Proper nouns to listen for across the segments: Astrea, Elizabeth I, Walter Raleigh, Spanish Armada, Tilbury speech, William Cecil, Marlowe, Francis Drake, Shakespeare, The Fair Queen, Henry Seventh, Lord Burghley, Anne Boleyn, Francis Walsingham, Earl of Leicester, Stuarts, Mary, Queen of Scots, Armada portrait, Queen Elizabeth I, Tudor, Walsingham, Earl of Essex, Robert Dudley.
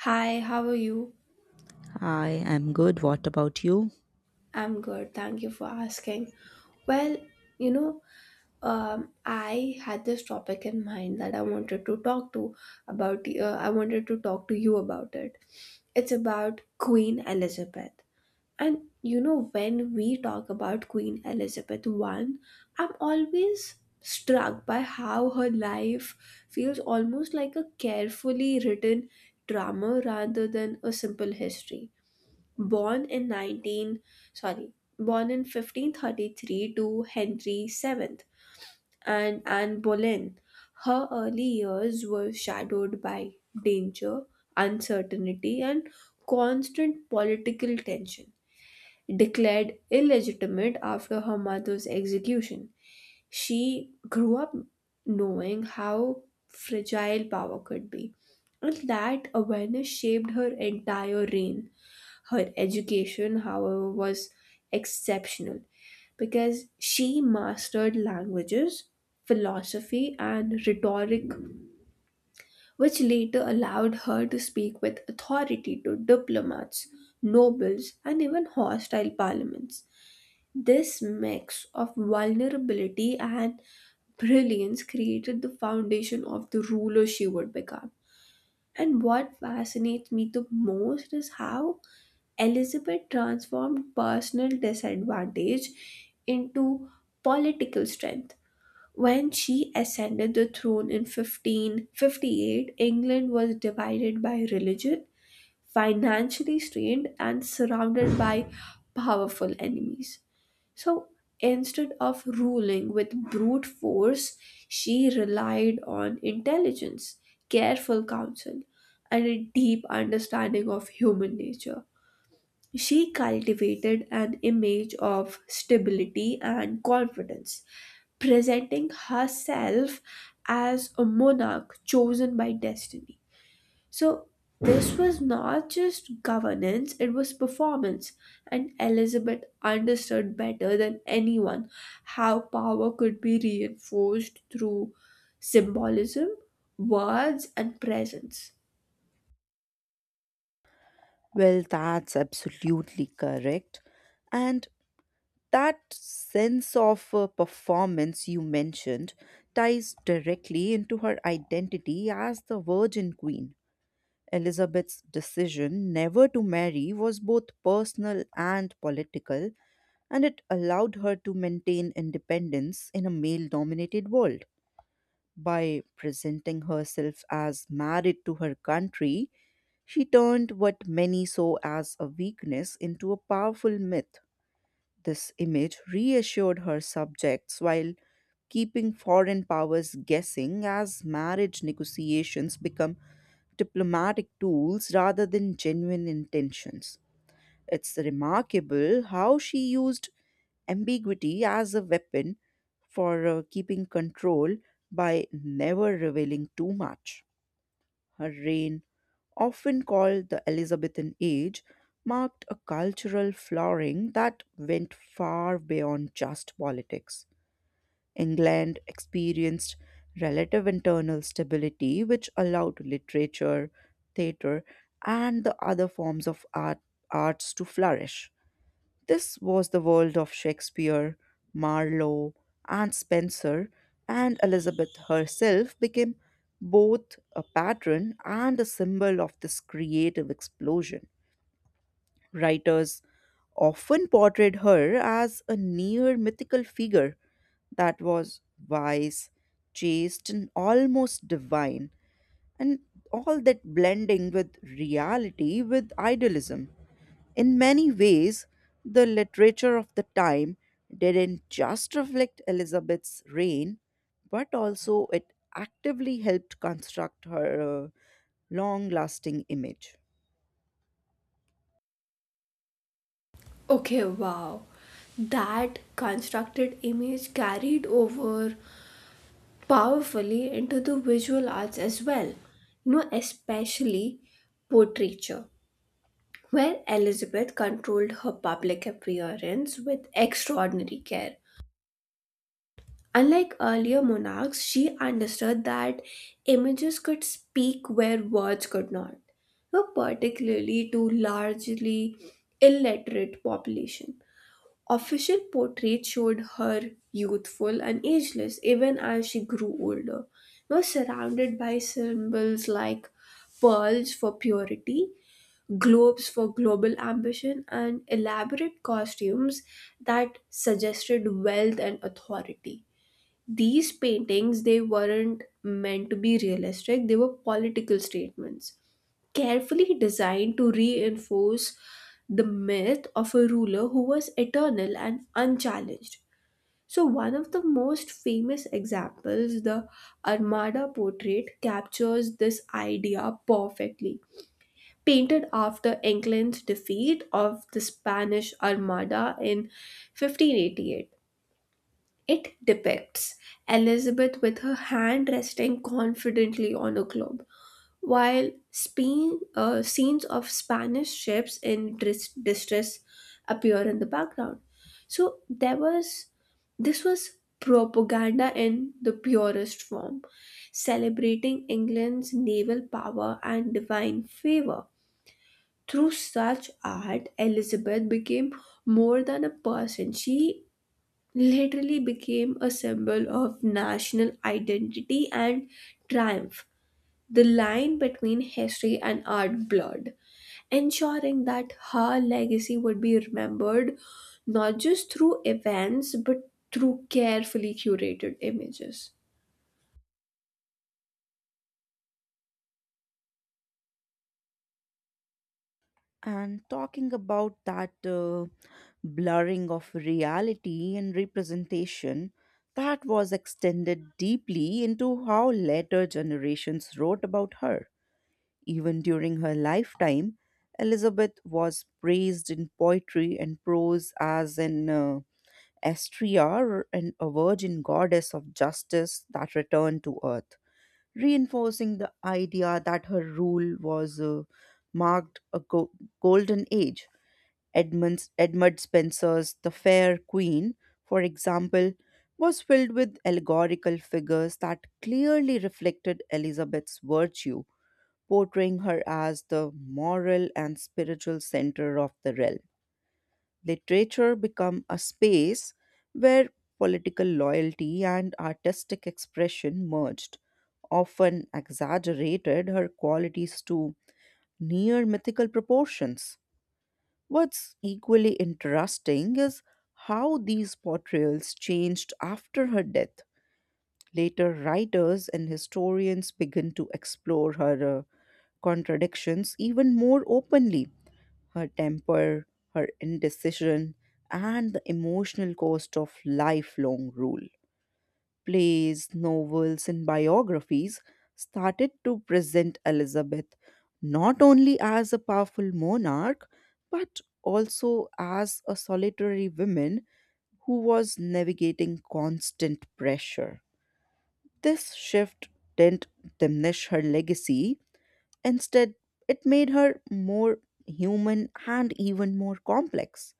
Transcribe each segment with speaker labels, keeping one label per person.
Speaker 1: Hi, how are you?
Speaker 2: I'm good. What about you?
Speaker 1: I'm good. Thank you for asking. Well, you know, I had this topic in mind that I wanted to talk to about. I wanted to talk to you about it. It's about Queen Elizabeth. And you know, when we talk about Queen Elizabeth I, I'm always struck by how her life feels almost like a carefully written drama rather than a simple history born in 19 sorry born in 1533 to henry Seventh and anne boleyn, her early years were shadowed by danger, uncertainty, and constant political tension, declared illegitimate after her mother's execution. She grew up knowing how fragile power could be, and that awareness shaped her entire reign. Her education, however, was exceptional because she mastered languages, philosophy, and rhetoric, which later allowed her to speak with authority to diplomats, nobles, and even hostile parliaments. This mix of vulnerability and brilliance created the foundation of the ruler she would become. And what fascinates me the most is how Elizabeth transformed personal disadvantage into political strength. When she ascended the throne in 1558, England was divided by religion, financially strained, and surrounded by powerful enemies. So instead of ruling with brute force, she relied on intelligence, careful counsel, and a deep understanding of human nature. She cultivated an image of stability and confidence, presenting herself as a monarch chosen by destiny. So this was not just governance, it was performance. And Elizabeth understood better than anyone how power could be reinforced through symbolism, words, and presence.
Speaker 2: Well, that's absolutely correct. And that sense of performance you mentioned ties directly into her identity as the Virgin Queen. Elizabeth's decision never to marry was both personal and political, and it allowed her to maintain independence in a male dominated world. By presenting herself as married to her country, she turned what many saw as a weakness into a powerful myth. This image reassured her subjects while keeping foreign powers guessing as marriage negotiations become diplomatic tools rather than genuine intentions. It's remarkable how she used ambiguity as a weapon for keeping control by never revealing too much. Her reign, often called the Elizabethan Age, marked a cultural flowering that went far beyond just politics. England experienced relative internal stability, which allowed literature, theatre, and the other forms of art, arts to flourish. This was the world of Shakespeare, Marlowe, and Spencer, and Elizabeth herself became both a patron and a symbol of this creative explosion. Writers often portrayed her as a near mythical figure that was wise, chaste, and almost divine, and all that blending with reality with idealism. In many ways, the literature of the time didn't just reflect Elizabeth's reign, but also it actively helped construct her long lasting image.
Speaker 1: Okay, wow. That constructed image carried over powerfully into the visual arts as well, you know, especially portraiture, where Elizabeth controlled her public appearance with extraordinary care. Unlike earlier monarchs, she understood that images could speak where words could not, particularly to largely illiterate population. Official portraits showed her youthful and ageless even as she grew older, now surrounded by symbols like pearls for purity, globes for global ambition, and elaborate costumes that suggested wealth and authority. These paintings, they weren't meant to be realistic, they were political statements, carefully designed to reinforce the myth of a ruler who was eternal and unchallenged. So, one of the most famous examples, the Armada portrait, captures this idea perfectly, painted after England's defeat of the Spanish Armada in 1588. It depicts Elizabeth with her hand resting confidently on a globe, while scenes of Spanish ships in distress appear in the background. So there was This was propaganda in the purest form, celebrating England's naval power and divine favor. Through such art, Elizabeth became more than a person. She literally became a symbol of national identity and triumph. The line between history and art blurred, ensuring that her legacy would be remembered not just through events but through carefully curated images.
Speaker 2: And talking about that blurring of reality and representation, that was extended deeply into how later generations wrote about her. Even during her lifetime, Elizabeth was praised in poetry and prose as an Astrea and a virgin goddess of justice that returned to earth, reinforcing the idea that her rule was marked a golden age. Edmund Spenser's The Fair Queen, for example, was filled with allegorical figures that clearly reflected Elizabeth's virtue portraying her as the moral and spiritual center of the realm. Literature become a space where political loyalty and artistic expression merged, often exaggerated her qualities to near mythical proportions. What's equally interesting is how these portrayals changed after her death. Later writers and historians begin to explore her contradictions even more openly her temper, her indecision, and the emotional cost of lifelong rule. Plays, novels, and biographies started to present Elizabeth not only as a powerful monarch but also as a solitary woman who was navigating constant pressure. This shift didn't diminish her legacy. Instead, it made her more human and even more complex.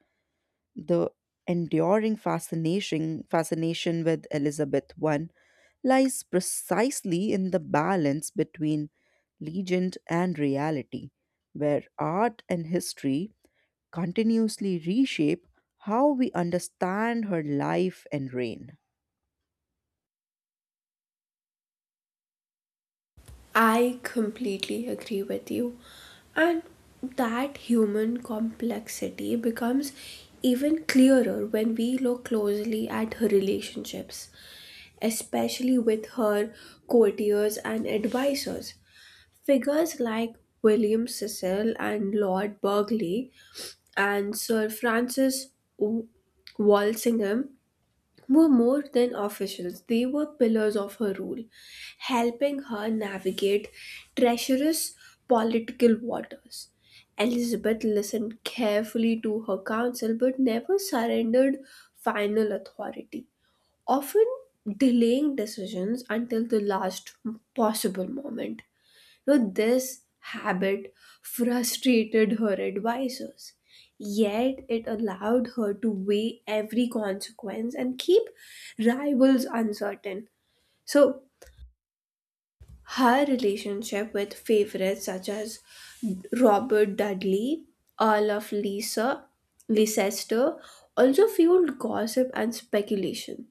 Speaker 2: The enduring fascination with Elizabeth I lies precisely in the balance between legend and reality, where art and history continuously reshape how we understand her life and reign.
Speaker 1: I completely agree with you. And that human complexity becomes even clearer when we look closely at her relationships, especially with her courtiers and advisors. Figures like William Cecil and Lord Burghley and Sir Francis W- Walsingham were more than officials, they were pillars of her rule, helping her navigate treacherous political waters. Elizabeth listened carefully to her counsel but never surrendered final authority, often delaying decisions until the last possible moment. So this habit frustrated her advisors, yet it allowed her to weigh every consequence and keep rivals uncertain. So her relationship with favorites such as Robert Dudley, Earl of Lisa, Leicester, also fueled gossip and speculation,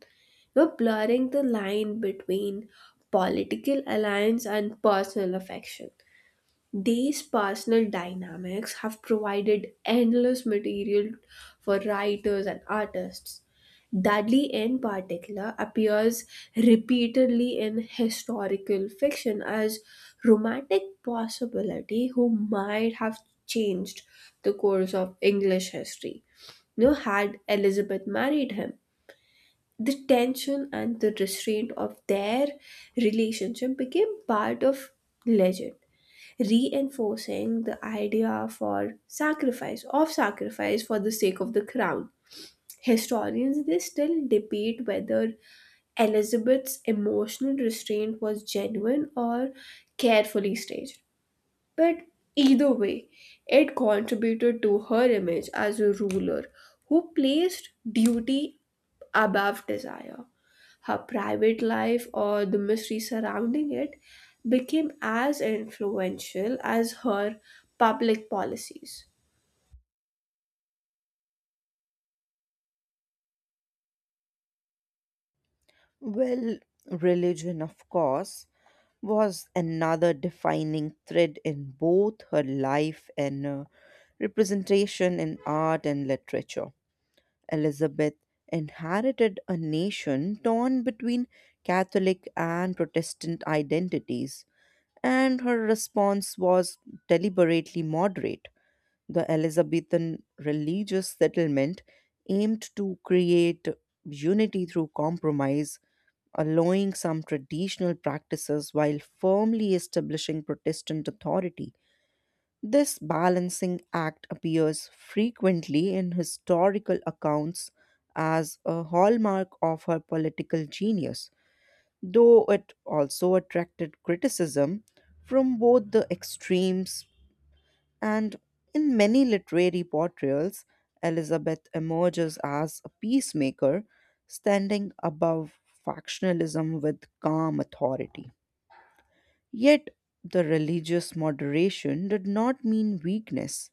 Speaker 1: you know, blurring the line between political alliance and personal affection. These personal dynamics have provided endless material for writers and artists. Dudley, in particular, appears repeatedly in historical fiction as romantic possibility who might have changed the course of English history. You know, had Elizabeth married him, the tension and the restraint of their relationship became part of legend, reinforcing the idea for sacrifice of sacrifice for the sake of the crown. Historians, they still debate whether elizabeth's emotional restraint was genuine or carefully staged, but either way, it contributed to her image as a ruler who placed duty above desire. Her private life, or the mystery surrounding it, became as influential as her public policies.
Speaker 2: Well, religion, of course, was another defining thread in both her life and representation in art and literature. Elizabeth inherited a nation torn between Catholic and Protestant identities, and her response was deliberately moderate. The Elizabethan religious settlement aimed to create unity through compromise allowing some traditional practices while firmly establishing Protestant authority. This balancing act appears frequently in historical accounts as a hallmark of her political genius, though it also attracted criticism from both the extremes. And in many literary portrayals, Elizabeth emerges as a peacemaker, standing above factionalism with calm authority. Yet, the religious moderation did not mean weakness,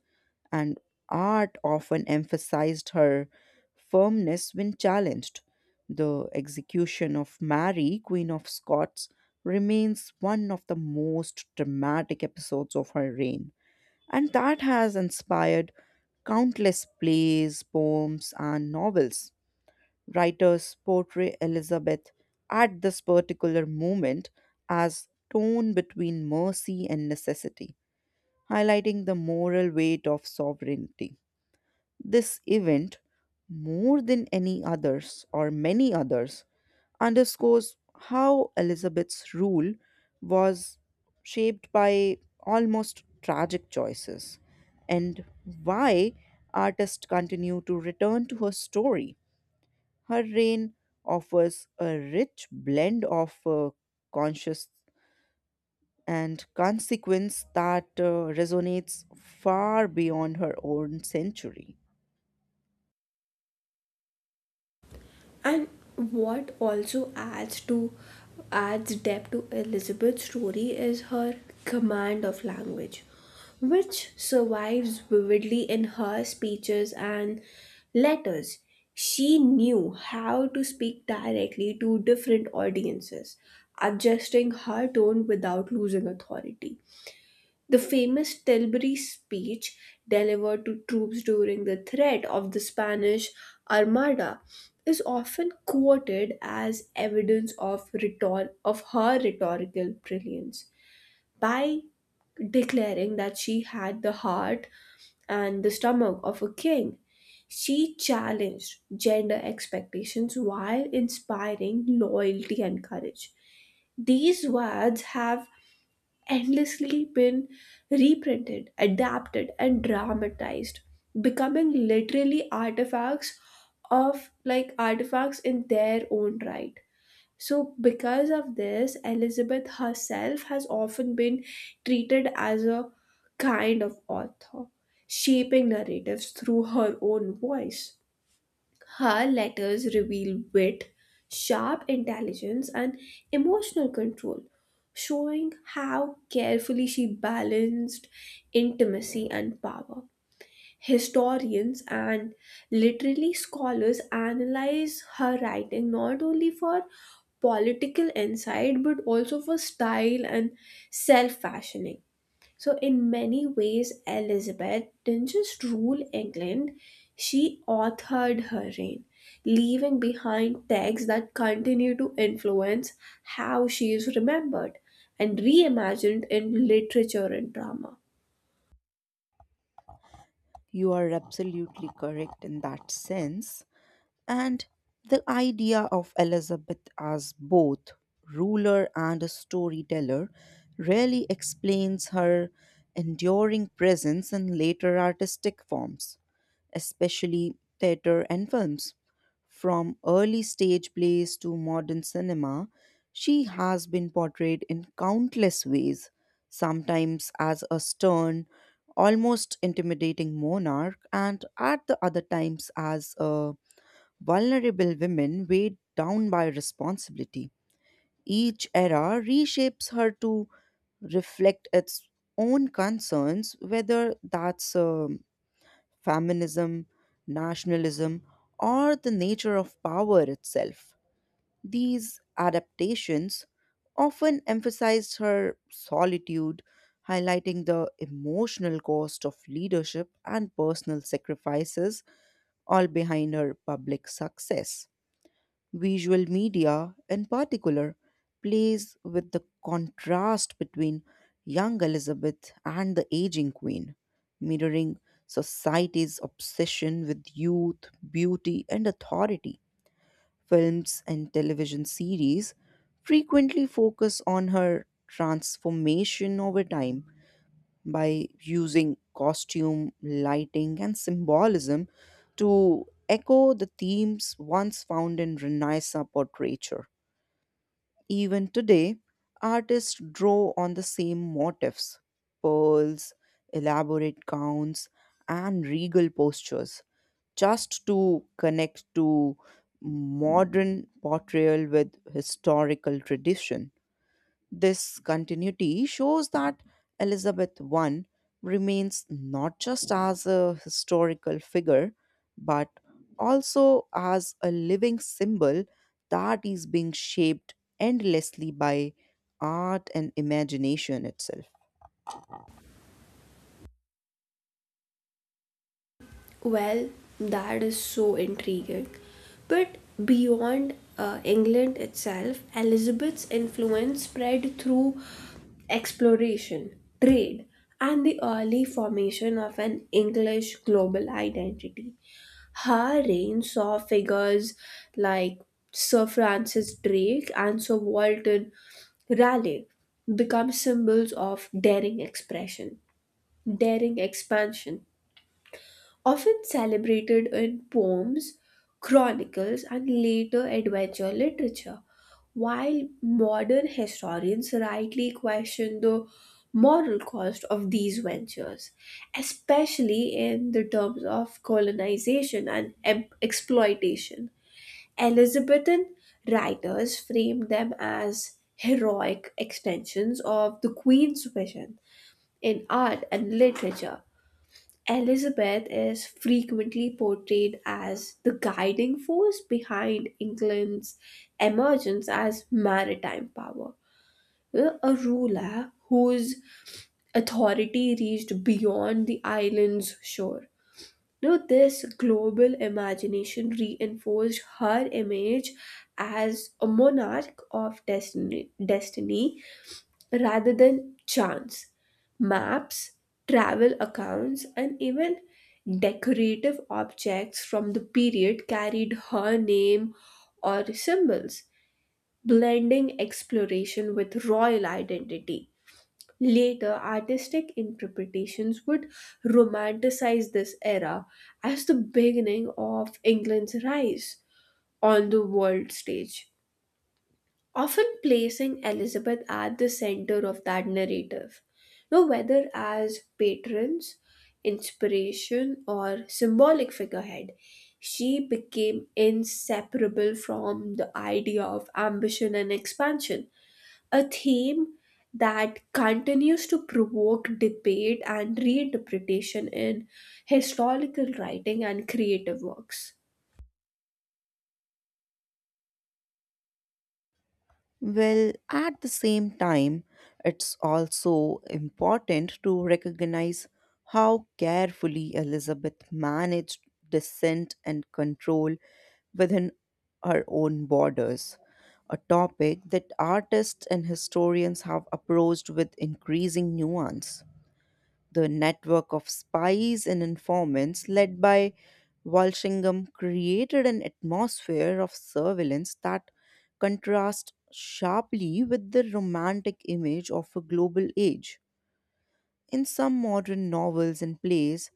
Speaker 2: and art often emphasized her firmness when challenged. The execution of Mary, Queen of Scots, remains one of the most dramatic episodes of her reign and that has inspired countless plays, poems, and novels. Writers portray Elizabeth at this particular moment as torn between mercy and necessity, highlighting the moral weight of sovereignty. This event, more than any others or many others, underscores how Elizabeth's rule was shaped by almost tragic choices and why artists continue to return to her story. Her reign offers a rich blend of conscious and consequence that resonates far beyond her own century.
Speaker 1: And what also adds depth to Elizabeth's story is her command of language, which survives vividly in her speeches and letters. She knew how to speak directly to different audiences, adjusting her tone without losing authority. The famous Tilbury speech delivered to troops during the threat of the Spanish Armada is often quoted as evidence of, of her rhetorical brilliance, by declaring that she had the heart and the stomach of a king. She challenged gender expectations while inspiring loyalty and courage. These words have endlessly been reprinted, adapted, and dramatized, becoming literally artifacts of like artifacts in their own right. So, because of this, Elizabeth herself has often been treated as a kind of author, shaping narratives through her own voice. Her letters reveal wit, sharp intelligence, and emotional control, showing how carefully she balanced intimacy and power. Historians and literary scholars analyze her writing not only for political insight but also for style and self fashioning. So, in many ways, Elizabeth didn't just rule England, she authored her reign, leaving behind texts that continue to influence how she is remembered and reimagined in literature and drama.
Speaker 2: You are absolutely correct in that sense. And the idea of Elizabeth as both ruler and a storyteller really explains her enduring presence in later artistic forms, especially theatre and films. From early stage plays to modern cinema, she has been portrayed in countless ways, sometimes as a stern, almost intimidating monarch, and at the other times as a vulnerable women weighed down by responsibility. Each era reshapes her to reflect its own concerns, whether that's feminism, nationalism, or the nature of power itself. These adaptations often emphasized her solitude, highlighting the emotional cost of leadership and personal sacrifices, all behind her public success. Visual media, in particular, plays with the contrast between young Elizabeth and the aging queen, mirroring society's obsession with youth, beauty, and authority. Films and television series frequently focus on her transformation over time, by using costume, lighting, and symbolism to echo the themes once found in Renaissance portraiture. Even today, artists draw on the same motifs: pearls, elaborate gowns, and regal postures just to connect to modern portrayal with historical tradition. This continuity shows that Elizabeth I remains not just as a historical figure, but also as a living symbol that is being shaped endlessly by art and imagination itself.
Speaker 1: Well, that is so intriguing. But beyond England itself, Elizabeth's influence spread through exploration, trade, and the early formation of an English global identity. Her reign saw figures like Sir Francis Drake and Sir Walter Raleigh become symbols of daring expansion, often celebrated in poems, chronicles, and later adventure literature. While modern historians rightly question the moral cost of these ventures, especially in the terms of colonization and exploitation, Elizabethan writers framed them as heroic extensions of the Queen's vision. In art and literature, Elizabeth is frequently portrayed as the guiding force behind England's emergence as maritime power. A ruler whose authority reached beyond the island's shore. Now, this global imagination reinforced her image as a monarch of destiny rather than chance. Maps, travel accounts, and even decorative objects from the period carried her name or symbols, blending exploration with royal identity. Later, artistic interpretations would romanticize this era as the beginning of England's rise on the world stage, often placing Elizabeth at the center of that narrative. Now, whether as patrons, inspiration, or symbolic figurehead, she became inseparable from the idea of ambition and expansion, a theme that continues to provoke debate and reinterpretation in historical writing and creative works.
Speaker 2: Well, at the same time, it's also important to recognize how carefully Elizabeth managed dissent and control within her own borders, a topic that artists and historians have approached with increasing nuance. The network of spies and informants led by Walsingham created an atmosphere of surveillance that contrasts sharply with the romantic image of a global age. In some modern novels and plays,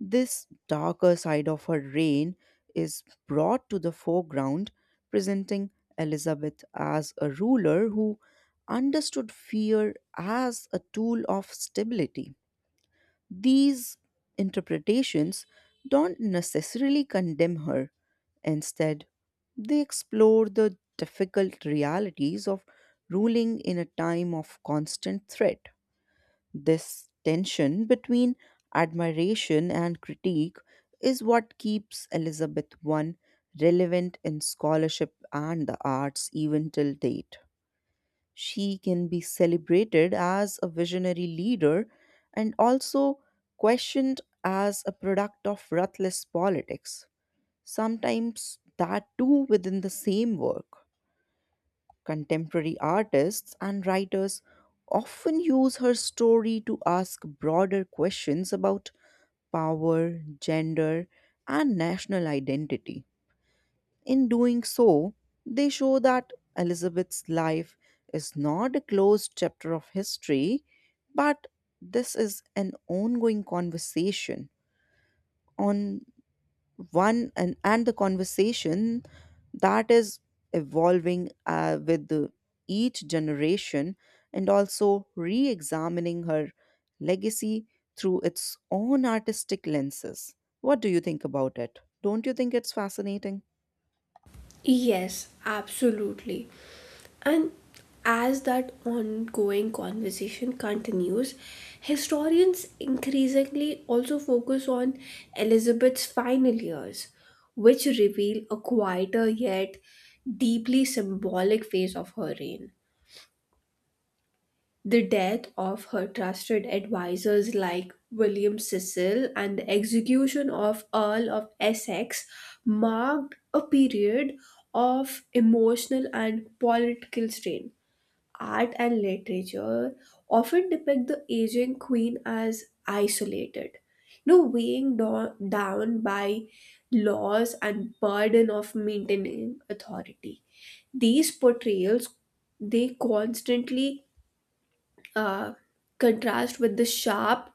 Speaker 2: this darker side of her reign is brought to the foreground, presenting Elizabeth as a ruler who understood fear as a tool of stability. These interpretations don't necessarily condemn her. Instead, they explore the difficult realities of ruling in a time of constant threat. This tension between admiration and critique is what keeps Elizabeth I relevant in scholarship and the arts even till date. She can be celebrated as a visionary leader and also questioned as a product of ruthless politics, sometimes that too within the same work. Contemporary artists and writers often use her story to ask broader questions about power, gender, and national identity. In doing so, they show that Elizabeth's life is not a closed chapter of history, but this is an ongoing conversation on one and the conversation that is evolving with each generation and also re examining her legacy through its own artistic lenses. What do you think about it? Don't you think it's fascinating?
Speaker 1: Yes, absolutely. And as that ongoing conversation continues, historians increasingly also focus on Elizabeth's final years, which reveal a quieter yet deeply symbolic phase of her reign. The death of her trusted advisors like William Cecil and the execution of Earl of Essex marked a period of emotional and political strain. Art and literature often depict the aging queen as isolated, you know, weighing down by laws and burden of maintaining authority. These portrayals, they constantly uh, contrast with the sharp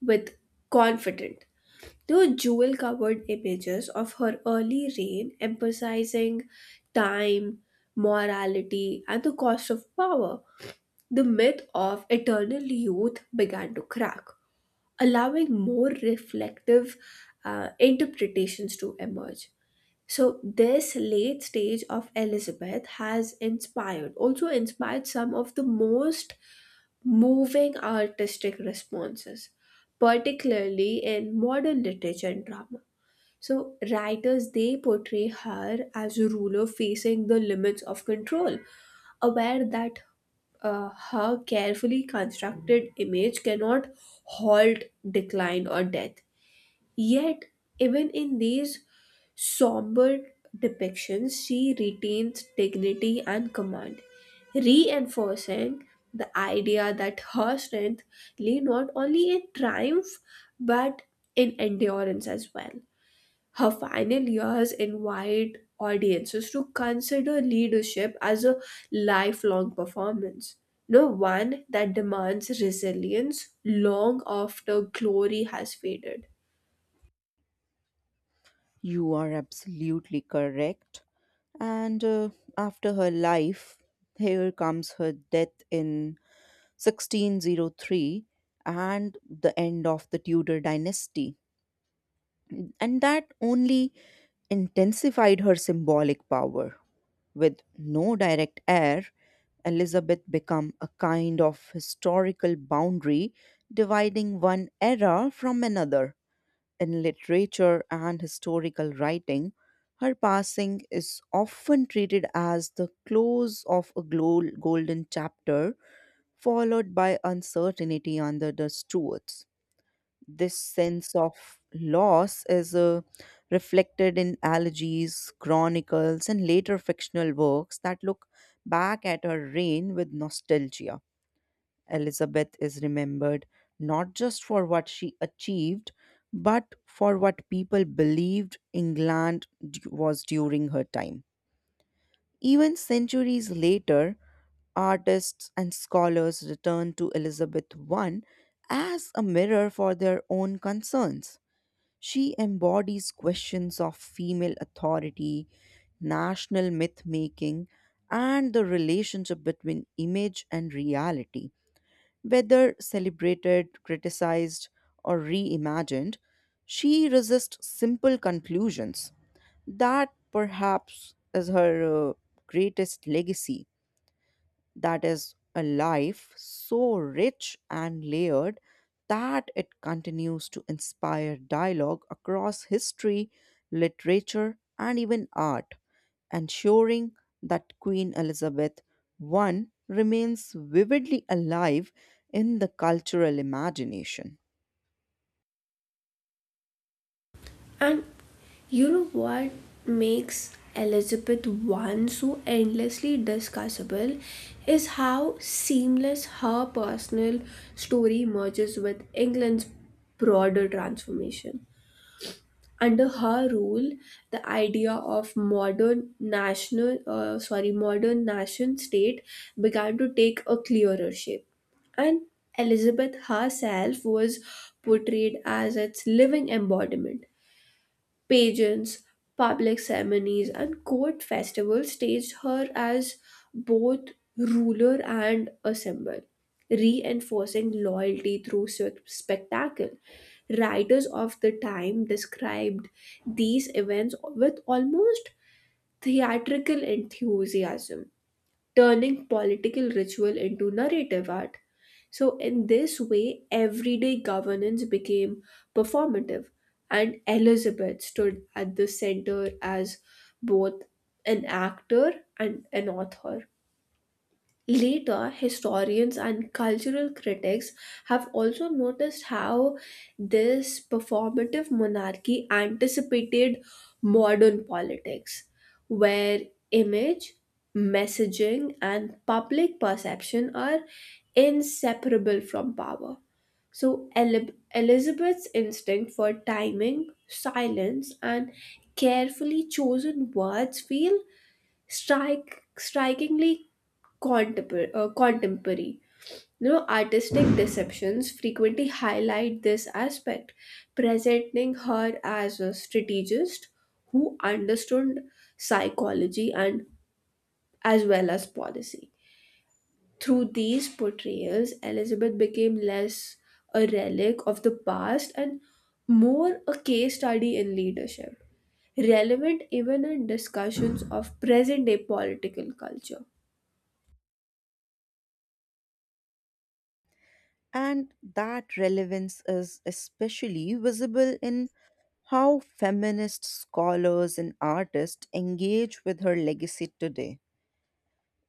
Speaker 1: with confident. There were jewel covered images of her early reign emphasizing time, morality, and the cost of power. The myth of eternal youth began to crack, allowing more reflective interpretations to emerge. So this late stage of Elizabeth has inspired some of the most moving artistic responses, particularly in modern literature and drama. So writers, they portray her as a ruler facing the limits of control, aware that her carefully constructed image cannot halt decline or death. Yet, even in these somber depictions, she retains dignity and command, reinforcing the idea that her strength lay not only in triumph but in endurance as well. Her final years invite audiences to consider leadership as a lifelong performance, no one that demands resilience long after glory has faded.
Speaker 2: You are absolutely correct. And after her life, here comes her death in 1603 and the end of the Tudor dynasty. And that only intensified her symbolic power. With no direct heir, Elizabeth became a kind of historical boundary dividing one era from another in literature and historical writing, her passing is often treated as the close of a golden chapter, followed by uncertainty under the Stuarts. This sense of loss is reflected in elegies, chronicles, and later fictional works that look back at her reign with nostalgia. Elizabeth is remembered not just for what she achieved, but for what people believed England was during her time. Even centuries later, artists and scholars return to Elizabeth I as a mirror for their own concerns. She embodies questions of female authority, national myth making, and the relationship between image and reality. Whether celebrated, criticized, or reimagined, she resists simple conclusions. That perhaps is her greatest legacy, that is a life so rich and layered that it continues to inspire dialogue across history, literature, and even art, ensuring that Queen Elizabeth I remains vividly alive in the cultural imagination.
Speaker 1: And you know what makes Elizabeth I so endlessly discussable is how seamless her personal story merges with England's broader transformation. Under her rule, the idea of modern nation state began to take a clearer shape, and Elizabeth herself was portrayed as its living embodiment. Pageants, public ceremonies, and court festivals staged her as both ruler and a symbol, reinforcing loyalty through spectacle. Writers of the time described these events with almost theatrical enthusiasm, turning political ritual into narrative art. So, in this way, everyday governance became performative, and Elizabeth stood at the center as both an actor and an author. Later, historians and cultural critics have also noticed how this performative monarchy anticipated modern politics, where image, messaging, and public perception are inseparable from power. So, Elizabeth's instinct for timing, silence, and carefully chosen words feel strike strikingly contemporary. You know, artistic deceptions frequently highlight this aspect, presenting her as a strategist who understood psychology and as well as policy. Through these portrayals, Elizabeth became less a relic of the past and more a case study in leadership, relevant even in discussions of present day political culture.
Speaker 2: And that relevance is especially visible in how feminist scholars and artists engage with her legacy today.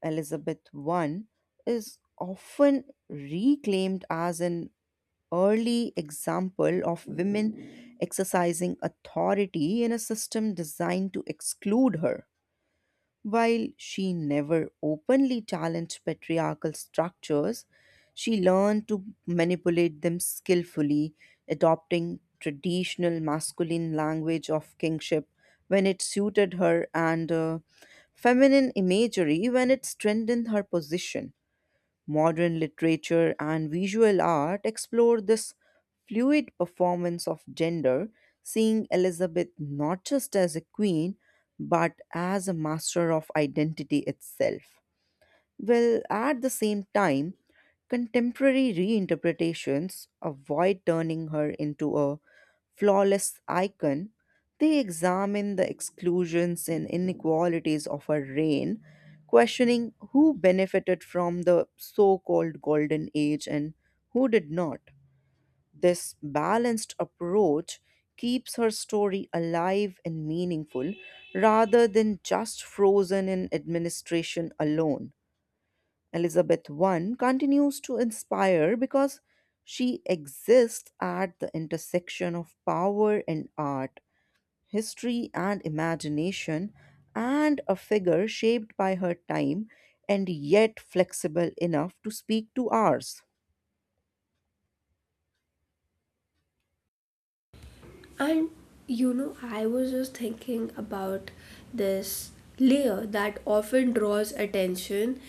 Speaker 2: Elizabeth I is often reclaimed as an early example of women exercising authority in a system designed to exclude her. While she never openly challenged patriarchal structures, she learned to manipulate them skillfully, adopting traditional masculine language of kingship when it suited her and feminine imagery when it strengthened her position. Modern literature and visual art explore this fluid performance of gender, seeing Elizabeth not just as a queen, but as a master of identity itself. Well, at the same time, contemporary reinterpretations avoid turning her into a flawless icon. They examine the exclusions and inequalities of her reign, questioning who benefited from the so called Golden Age and who did not. This balanced approach keeps her story alive and meaningful rather than just frozen in administration alone. Elizabeth I continues to inspire because she exists at the intersection of power and art, history and imagination, and a figure shaped by her time and yet flexible enough to speak to ours.
Speaker 1: And you know, I was just thinking about this layer that often draws attention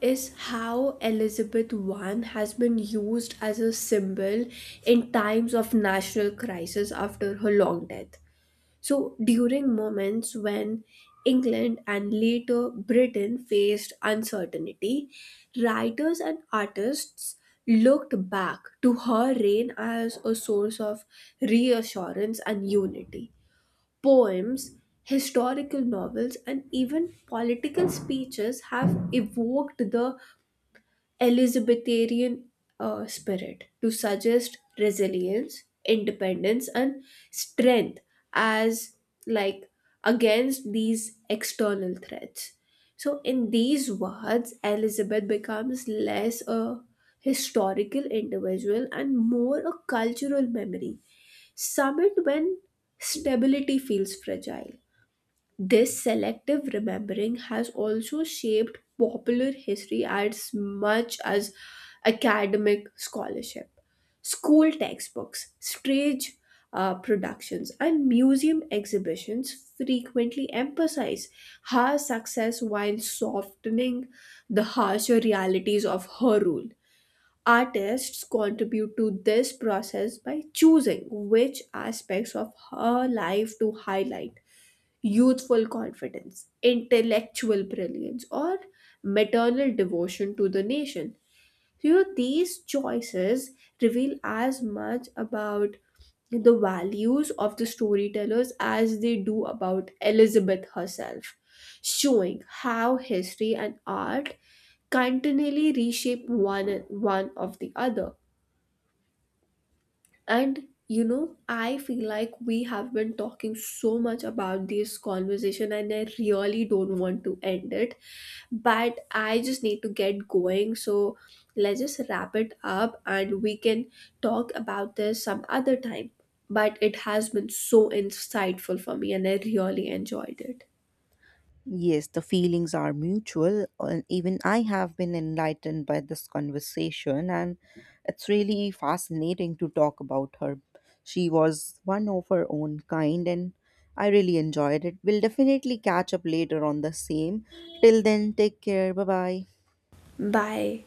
Speaker 1: is how Elizabeth I has been used as a symbol in times of national crisis after her long death. So, during moments when England and later Britain faced uncertainty, writers and artists looked back to her reign as a source of reassurance and unity. Poems, historical novels, and even political speeches have evoked the Elizabethan spirit to suggest resilience, independence, and strength as like against these external threats. So, in these words, Elizabeth becomes less a historical individual and more a cultural memory, summoned when stability feels fragile. This selective remembering has also shaped popular history as much as academic scholarship. School textbooks, stage productions, and museum exhibitions frequently emphasize her success while softening the harsher realities of her rule. Artists contribute to this process by choosing which aspects of her life to highlight, youthful confidence, intellectual brilliance, or maternal devotion to the nation. So, you know, these choices reveal as much about the values of the storytellers as they do about Elizabeth herself, showing how history and art continually reshape one of the other. And you know, I feel like we have been talking so much about this conversation, and I really don't want to end it. But I just need to get going. So let's just wrap it up and we can talk about this some other time. But it has been so insightful for me, and I really enjoyed it.
Speaker 2: Yes, the feelings are mutual, and even I have been enlightened by this conversation, and it's really fascinating to talk about her. She was one of her own kind, and I really enjoyed it. We'll definitely catch up later on the same. Till then, take care. Bye bye.
Speaker 1: Bye.